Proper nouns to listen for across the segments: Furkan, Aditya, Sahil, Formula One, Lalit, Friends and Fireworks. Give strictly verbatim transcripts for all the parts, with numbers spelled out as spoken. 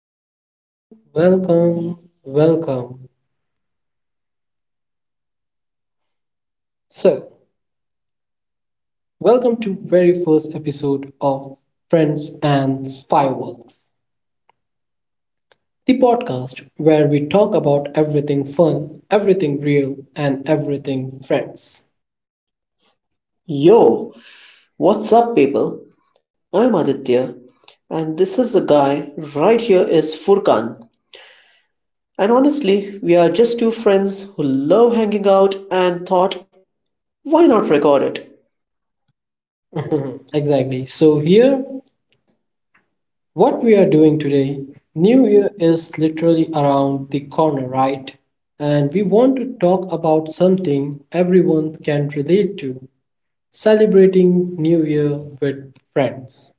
welcome, welcome, welcome. So, welcome to very first episode of Friends and Fireworks, the podcast where we talk about everything fun, everything real, and everything friends. Yo, what's up, people? I'm Aditya, and this is the guy right here is Furkan. And honestly, we are just two friends who love hanging out and thought, why not record it? Exactly. So here, what we are doing today, New Year is literally around the corner, right? And we want to talk about something everyone can relate to. Celebrating New Year with friends.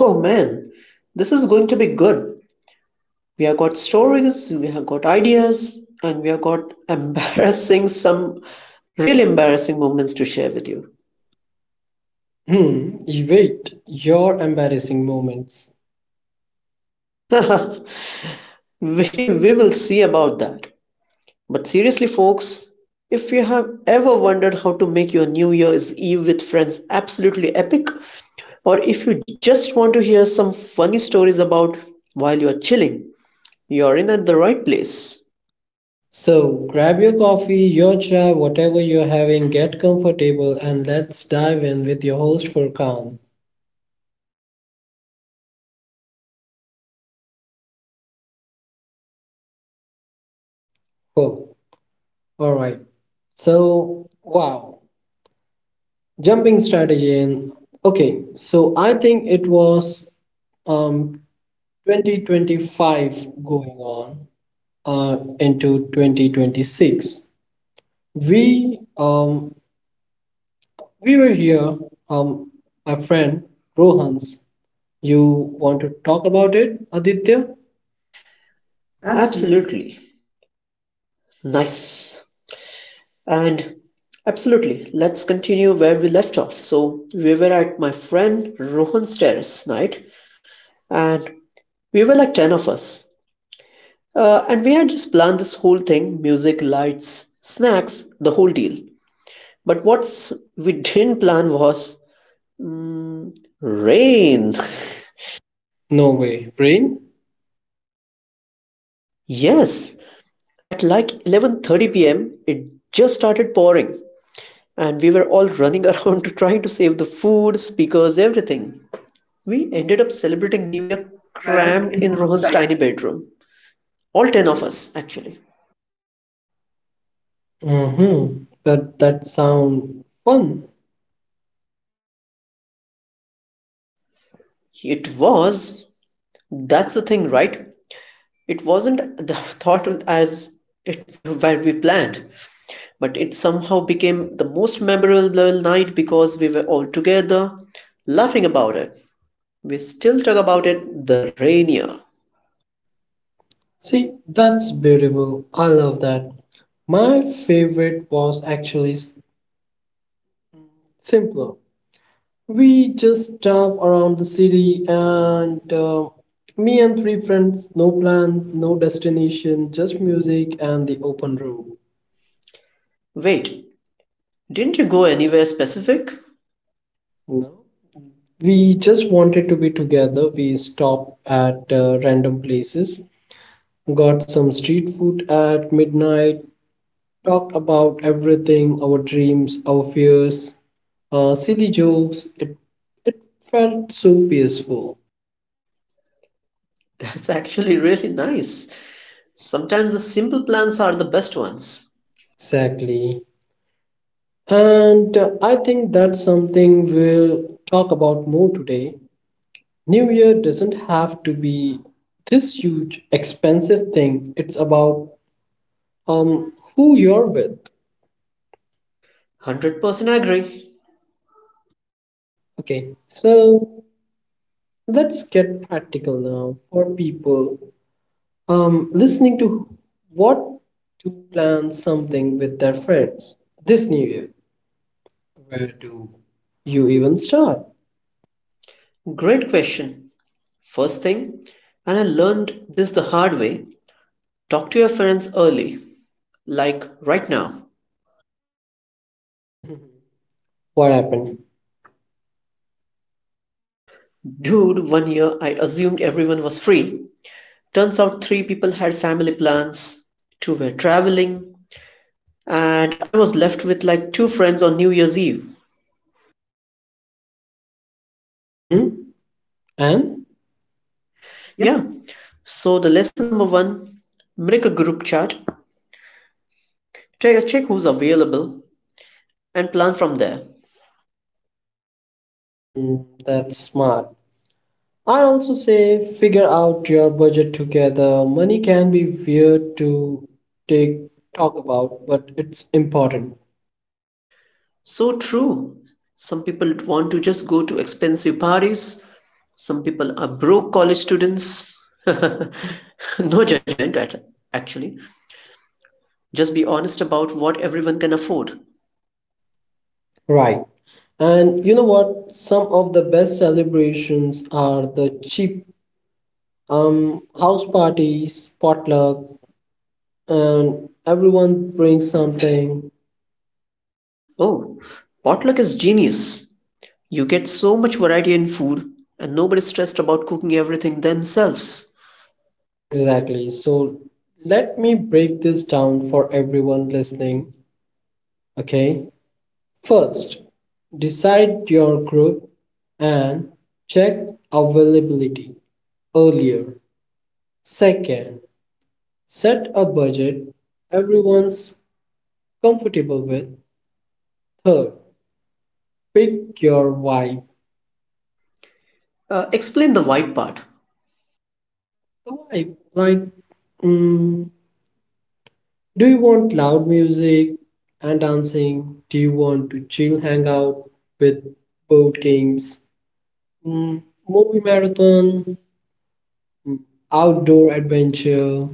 Oh man, this is going to be good. We have got stories, we have got ideas, and we have got embarrassing some really embarrassing moments to share with you. Hmm, you wait, your embarrassing moments. we, we will see about that. But seriously, folks, if you have ever wondered how to make your New Year's Eve with friends absolutely epic, or if you just want to hear some funny stories about while you're chilling, you're in at the right place. So, grab your coffee, your chai, whatever you're having, get comfortable, and let's dive in with your host Furkan. Cool. All right. So, wow. Jumping strategy in. Okay, so I think it was um twenty twenty-five going on uh, into twenty twenty-six. We um We were here, um, my friend Rohan's. You want to talk about it, Aditya? Absolutely. Nice. And absolutely, let's continue where we left off. So, we were at my friend Rohan's terrace night, and we were like ten of us. Uh, and we had just planned this whole thing, music, lights, snacks, the whole deal. But what's we didn't plan was rain. No way, rain? Yes, at like eleven thirty p m it just started pouring, and we were all running around trying to save the food, speakers, everything. We ended up celebrating New Year cramped in Rohan's tiny bedroom. All ten of us, actually. Mm-hmm. But that sound fun. It was That's the thing, right? It wasn't the thought as it where we planned, but it somehow became the most memorable night because we were all together laughing about it. We still talk about it, the rainier. See, that's beautiful. I love that. My favorite was actually s- simpler. We just drove around the city and uh, me and three friends, no plan, no destination, just music and the open road. Wait, didn't you go anywhere specific? No. We just wanted to be together. We stopped at uh, random places, got some street food at midnight, talked about everything, our dreams, our fears, uh, silly jokes. It it felt so peaceful. That's actually really nice. Sometimes the simple plans are the best ones. Exactly. And uh, I think that's something we'll talk about more today. New Year doesn't have to be this huge, expensive thing. It's about um who you're with. one hundred percent agree. Okay, so let's get practical now for people um, listening to what to plan something with their friends this new year. Where do you even start? Great question. First thing, and I learned this the hard way, talk to your friends early, like right now. What happened? Dude, one year I assumed everyone was free. Turns out three people had family plans, two were traveling, and I was left with like two friends on New Year's Eve. Mm-hmm. And? Yeah. So the lesson number one, make a group chat, take a check who's available, and plan from there. Hmm, that's smart. I also say figure out your budget together. Money can be weird to take talk about, but it's important. So true. Some people want to just go to expensive parties. Some people are broke college students. No judgment at actually. Just be honest about what everyone can afford. Right. And you know what? Some of the best celebrations are the cheap um, house parties, potluck, and everyone brings something. Oh, potluck is genius. You get so much variety in food, and nobody's stressed about cooking everything themselves. Exactly. So let me break this down for everyone listening. Okay. First, decide your group and check availability earlier. Second, set a budget everyone's comfortable with. Third, pick your vibe. Uh, explain the vibe part. The vibe, like, mm, do you want loud music and dancing? Do you want to chill, hang out with board games, mm, movie marathon, outdoor adventure?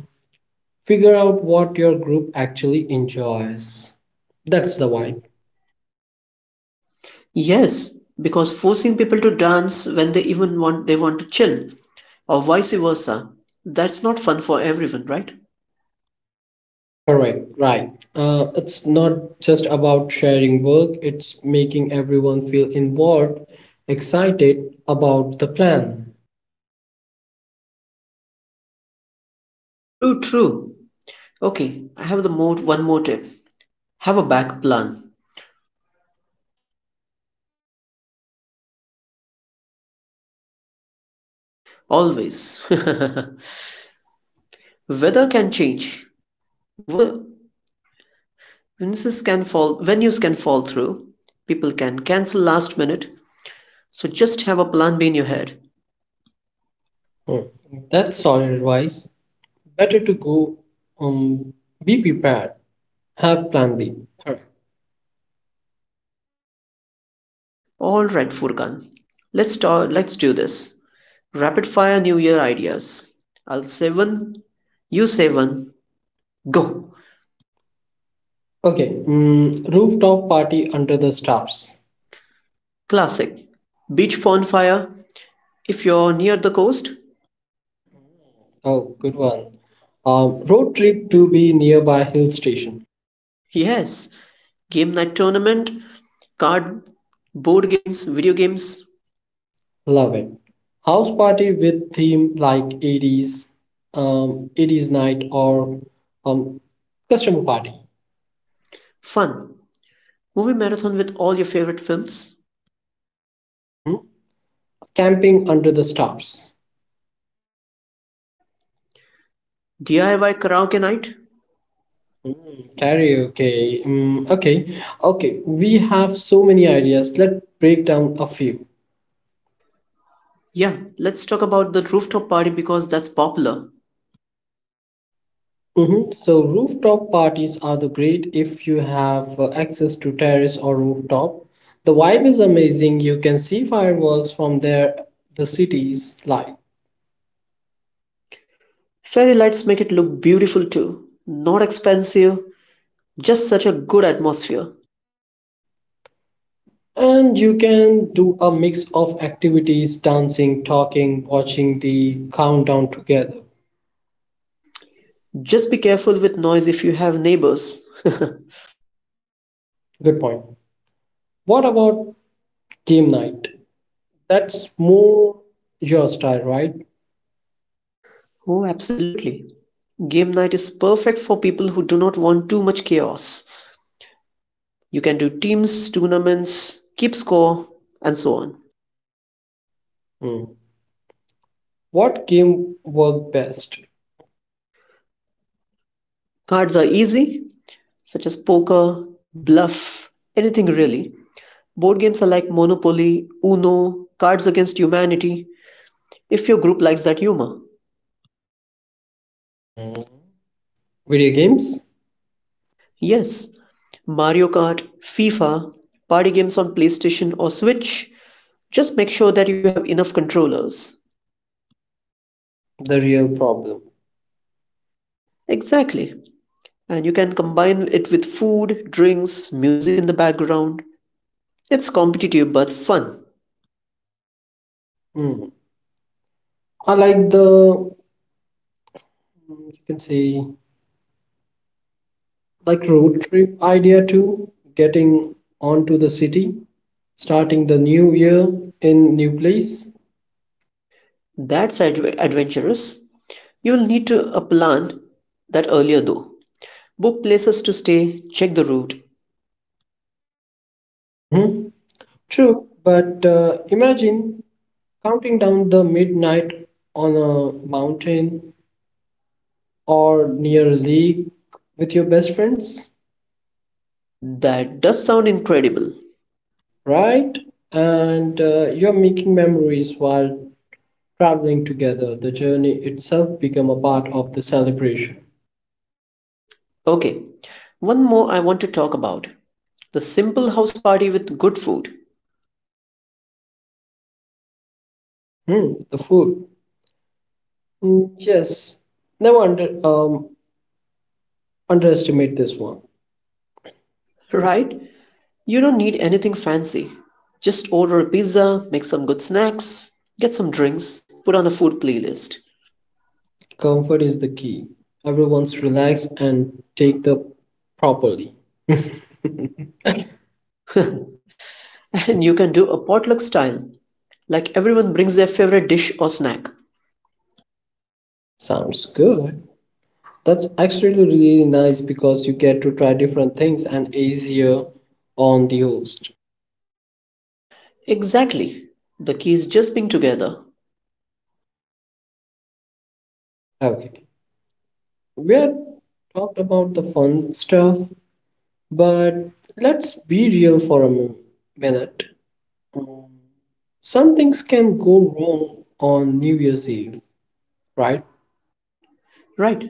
Figure out what your group actually enjoys. That's That's the the one. vibe. Yes, because forcing people to dance when they even want they want to chill, or vice versa, that's not fun for everyone, right? Correct, right. Uh, it's not just about sharing work, it's making everyone feel involved, excited about the plan. True, true. Okay, I have the more one more tip. Have a back plan. Mm, speaking from experience, right? Always. Weather can change. Wo- Witnesses can fall, venues can fall through. People can cancel last minute. So just have a plan B in your head. Mm, that's solid advice. Better to go, um, be prepared, have plan B. Correct. All right, Furkan. Let's talk, let's do this. Rapid fire New Year ideas. I'll say one, you say one. Go. Okay, mm, rooftop party under the stars. Classic. Beach bonfire. If you're near the coast, Oh, good one. Um, road trip to be nearby hill station. yes. Game night tournament, card, board games, video games. Love it. House party with theme like eighties, um, eighties night or um, customer party. Fun. Movie marathon with all your favorite films. Mhm. Camping under the stars. D I Y karaoke night. Mm, karaoke. Mm, okay, okay. We have so many ideas. Let's break down a few. Yeah, let's talk about the rooftop party because that's popular. Mhm. So rooftop parties are the great if you have uh, access to terrace or rooftop. The vibe is amazing. You can see fireworks from there, the city's light. Fairy lights make it look beautiful too. Not expensive, just such a good atmosphere. And you can do a mix of activities, dancing, talking, watching the countdown together. Just be careful with noise if you have neighbors. Good point. What about game night? That's more your style, right? Oh, absolutely. Game night is perfect for people who do not want too much chaos. You can do teams, tournaments, keep score, and so on. Mm. What game worked best? Cards are easy, such as poker, bluff, anything really. Board games are like Monopoly, Uno, Cards Against Humanity, if your group likes that humor. Mm. Video games, Yes, Mario Kart, FIFA, party games on PlayStation or Switch. Just make sure that you have enough controllers. the real problem. Exactly. And you can combine it with food, drinks, music in the background. It's competitive but fun. Mm. I like the mm, you can say like road trip idea too. Getting onto the city, starting the new year in new place. That's adve- adventurous. You'll need to uh, plan that earlier though. Book places to stay, check the route. Mm-hmm. True, but uh, imagine counting down the midnight on a mountain or near a lake with your best friends. That does sound incredible. Right? And uh, you're making memories while traveling together. The journey itself become a part of the celebration. Okay, one more I want to talk about, the simple house party with good food. Hmm, the food. Hmm, yes, never under, um, underestimate this one. Right? You don't need anything fancy. Just order a pizza, make some good snacks, get some drinks, put on a food playlist. Comfort is the key. Everyone's relax and take the properly. And you can do a potluck style, like everyone brings their favorite dish or snack. Sounds good. That's actually really nice because you get to try different things and easier on the host. Exactly. The key is just being together. Okay. We had talked about the fun stuff, but let's be real for a mi- minute. Mm, Some things can go wrong on New Year's Eve, right? Right.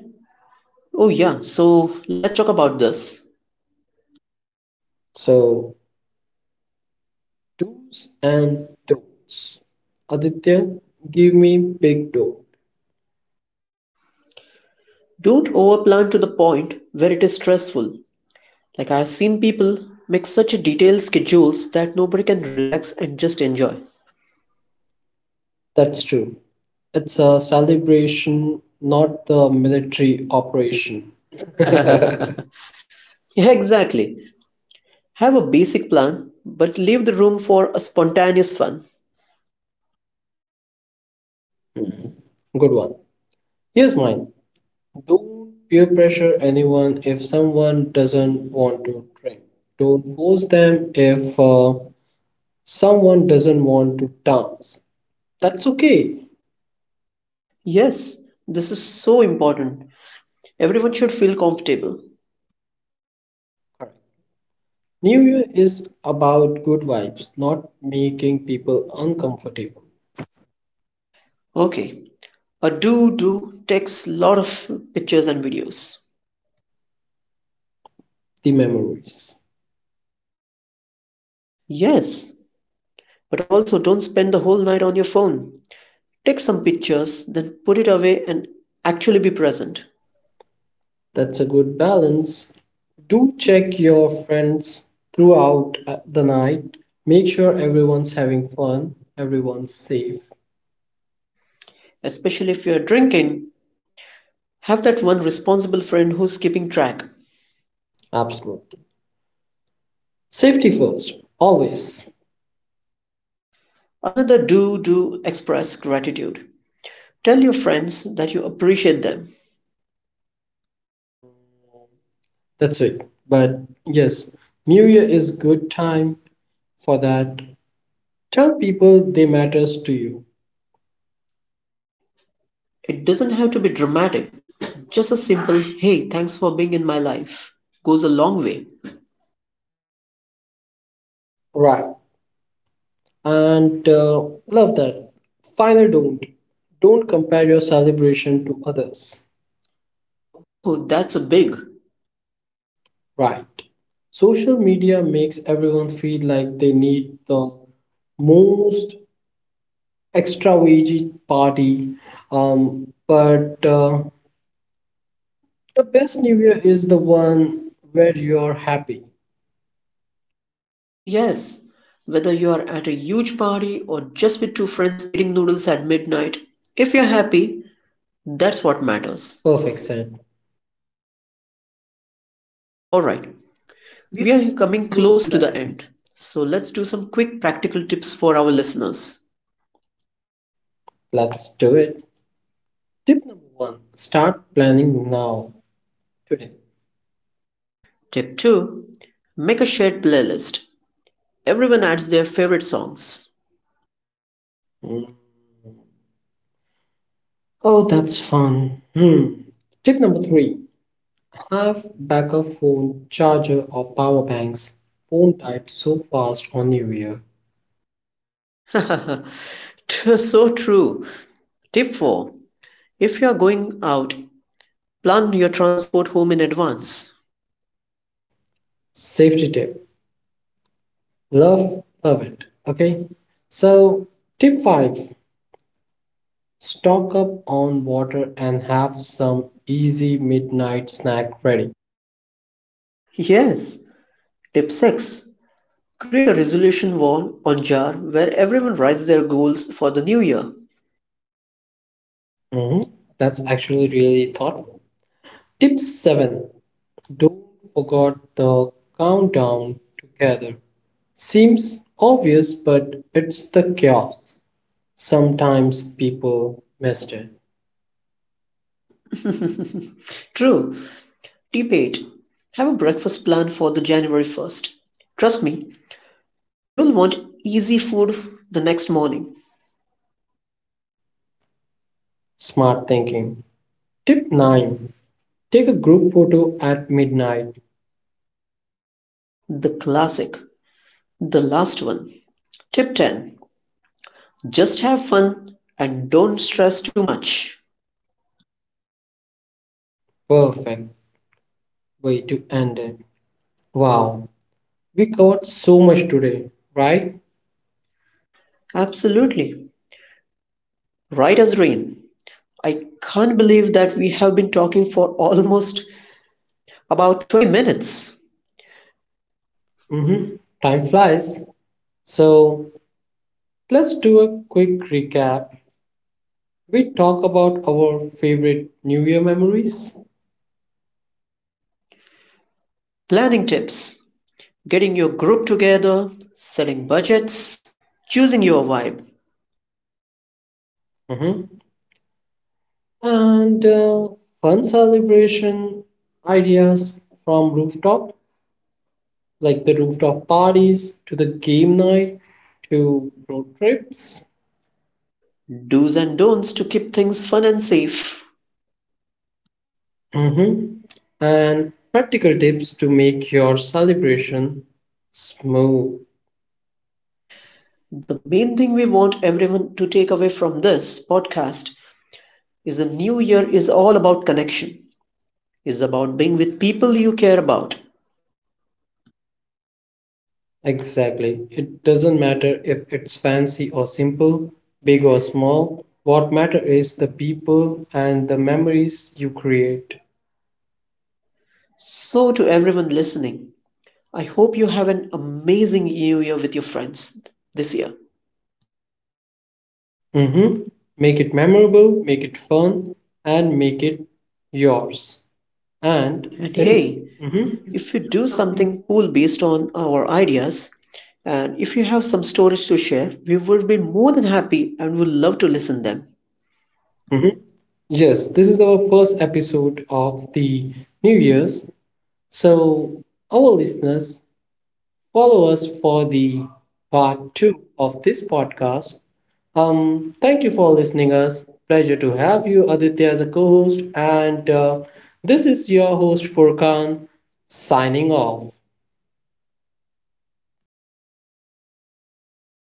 Oh, yeah, so let's talk about this. So, do's and don'ts. Aditya, give me big don't. Don't overplan to the point where it is stressful. Like, I've seen people make such detailed schedules that nobody can relax and just enjoy. That's true. It's a celebration, not the military operation. Good Yeah, exactly. Have a basic plan, but leave the room for a spontaneous fun. one. Here's mine. Don't peer pressure anyone if someone doesn't want to drink. Don't force them if uh, someone doesn't want to dance. That's okay. Yes, this is so important. Everyone should feel comfortable. Correct. New Year is about good vibes, not making people uncomfortable. Okay, a do do takes lot of pictures and videos. The memories. Yes, but also don't spend the whole night on your phone. Take some pictures, then put it away and actually be present. That's a good balance. Do check your friends throughout uh, the night. Make sure everyone's having fun, everyone's safe. Especially if you're drinking, have that one responsible friend who's keeping track. Absolutely. Safety first, always. Another do do express gratitude. Tell your friends that you appreciate them. That's it. But yes, New Year is good time for that. Tell people they matters to you, It doesn't have to be dramatic. Just a simple, hey, thanks for being in my life, goes a long way. right? And uh, love that. Final don't. Don't compare your celebration to others, Oh, that's a big. right? Social media makes everyone feel like they need the most extravagant party, um, but uh, the best New Year is the one where you're happy. Yes, whether you are at a huge party or just with two friends eating noodles at midnight, if you're happy, that's what matters. Perfect said. Alright, we are coming close to the end. So let's do some quick practical tips for our listeners. Let's do it. Tip number one, start planning now, today. Tip two, make a shared playlist. Everyone adds their favorite songs. Hmm. Oh, that's fun. Hmm. Tip number three, have backup phone, charger, or power banks. Phone died so fast on New Year. T- so true. Tip four, if you are going out, plan your transport home in advance. Safety tip. Love, love it. Okay. So, tip five, stock up on water and have some easy midnight snack ready. Yes. Tip six, create a resolution wall on jar where everyone writes their goals for the new year. Mhm. That's actually really thoughtful. Tip seven, don't forget the countdown together. Seems obvious, but it's the chaos. Sometimes people missed it. True. Tip eight, have a breakfast plan for the January first. Trust me, you'll want easy food the next morning. Smart thinking. Tip nine, take a group photo at midnight. The classic. The last one. Tip ten, just have fun and don't stress too much. Perfect way to end it. Wow, we covered so much today, right? Absolutely. Right as rain. I can't believe that we have been talking for almost about twenty minutes. Mm-hmm. Time flies. So let's do a quick recap. We talk about our favorite New Year memories. Planning tips, getting your group together, setting budgets, choosing your vibe, Mhm. And uh, fun celebration ideas from rooftop, like the rooftop parties to the game night to road trips. do's and don'ts to keep things fun and safe. Mhm. And practical tips to make your celebration smooth. The main thing we want everyone to take away from this podcast is the new year is all about connection, is about being with people you care about. Exactly, it doesn't matter if it's fancy or simple, big or small, what matter is the people and the memories you create. So, to everyone listening, I hope you have an amazing new year with your friends this year. Hmm. Make it memorable, make it fun, and make it yours. And And hey, hmm if you do something cool based on our ideas, and if you have some stories to share, we would be more than happy and would love to listen them. hmm yes, this is our first episode of the New Year's. So, our listeners, follow us for the part two of this podcast. Um, thank you for listening us. Pleasure to have you, Aditya, as a co-host, and uh, this is your host Furkan signing off.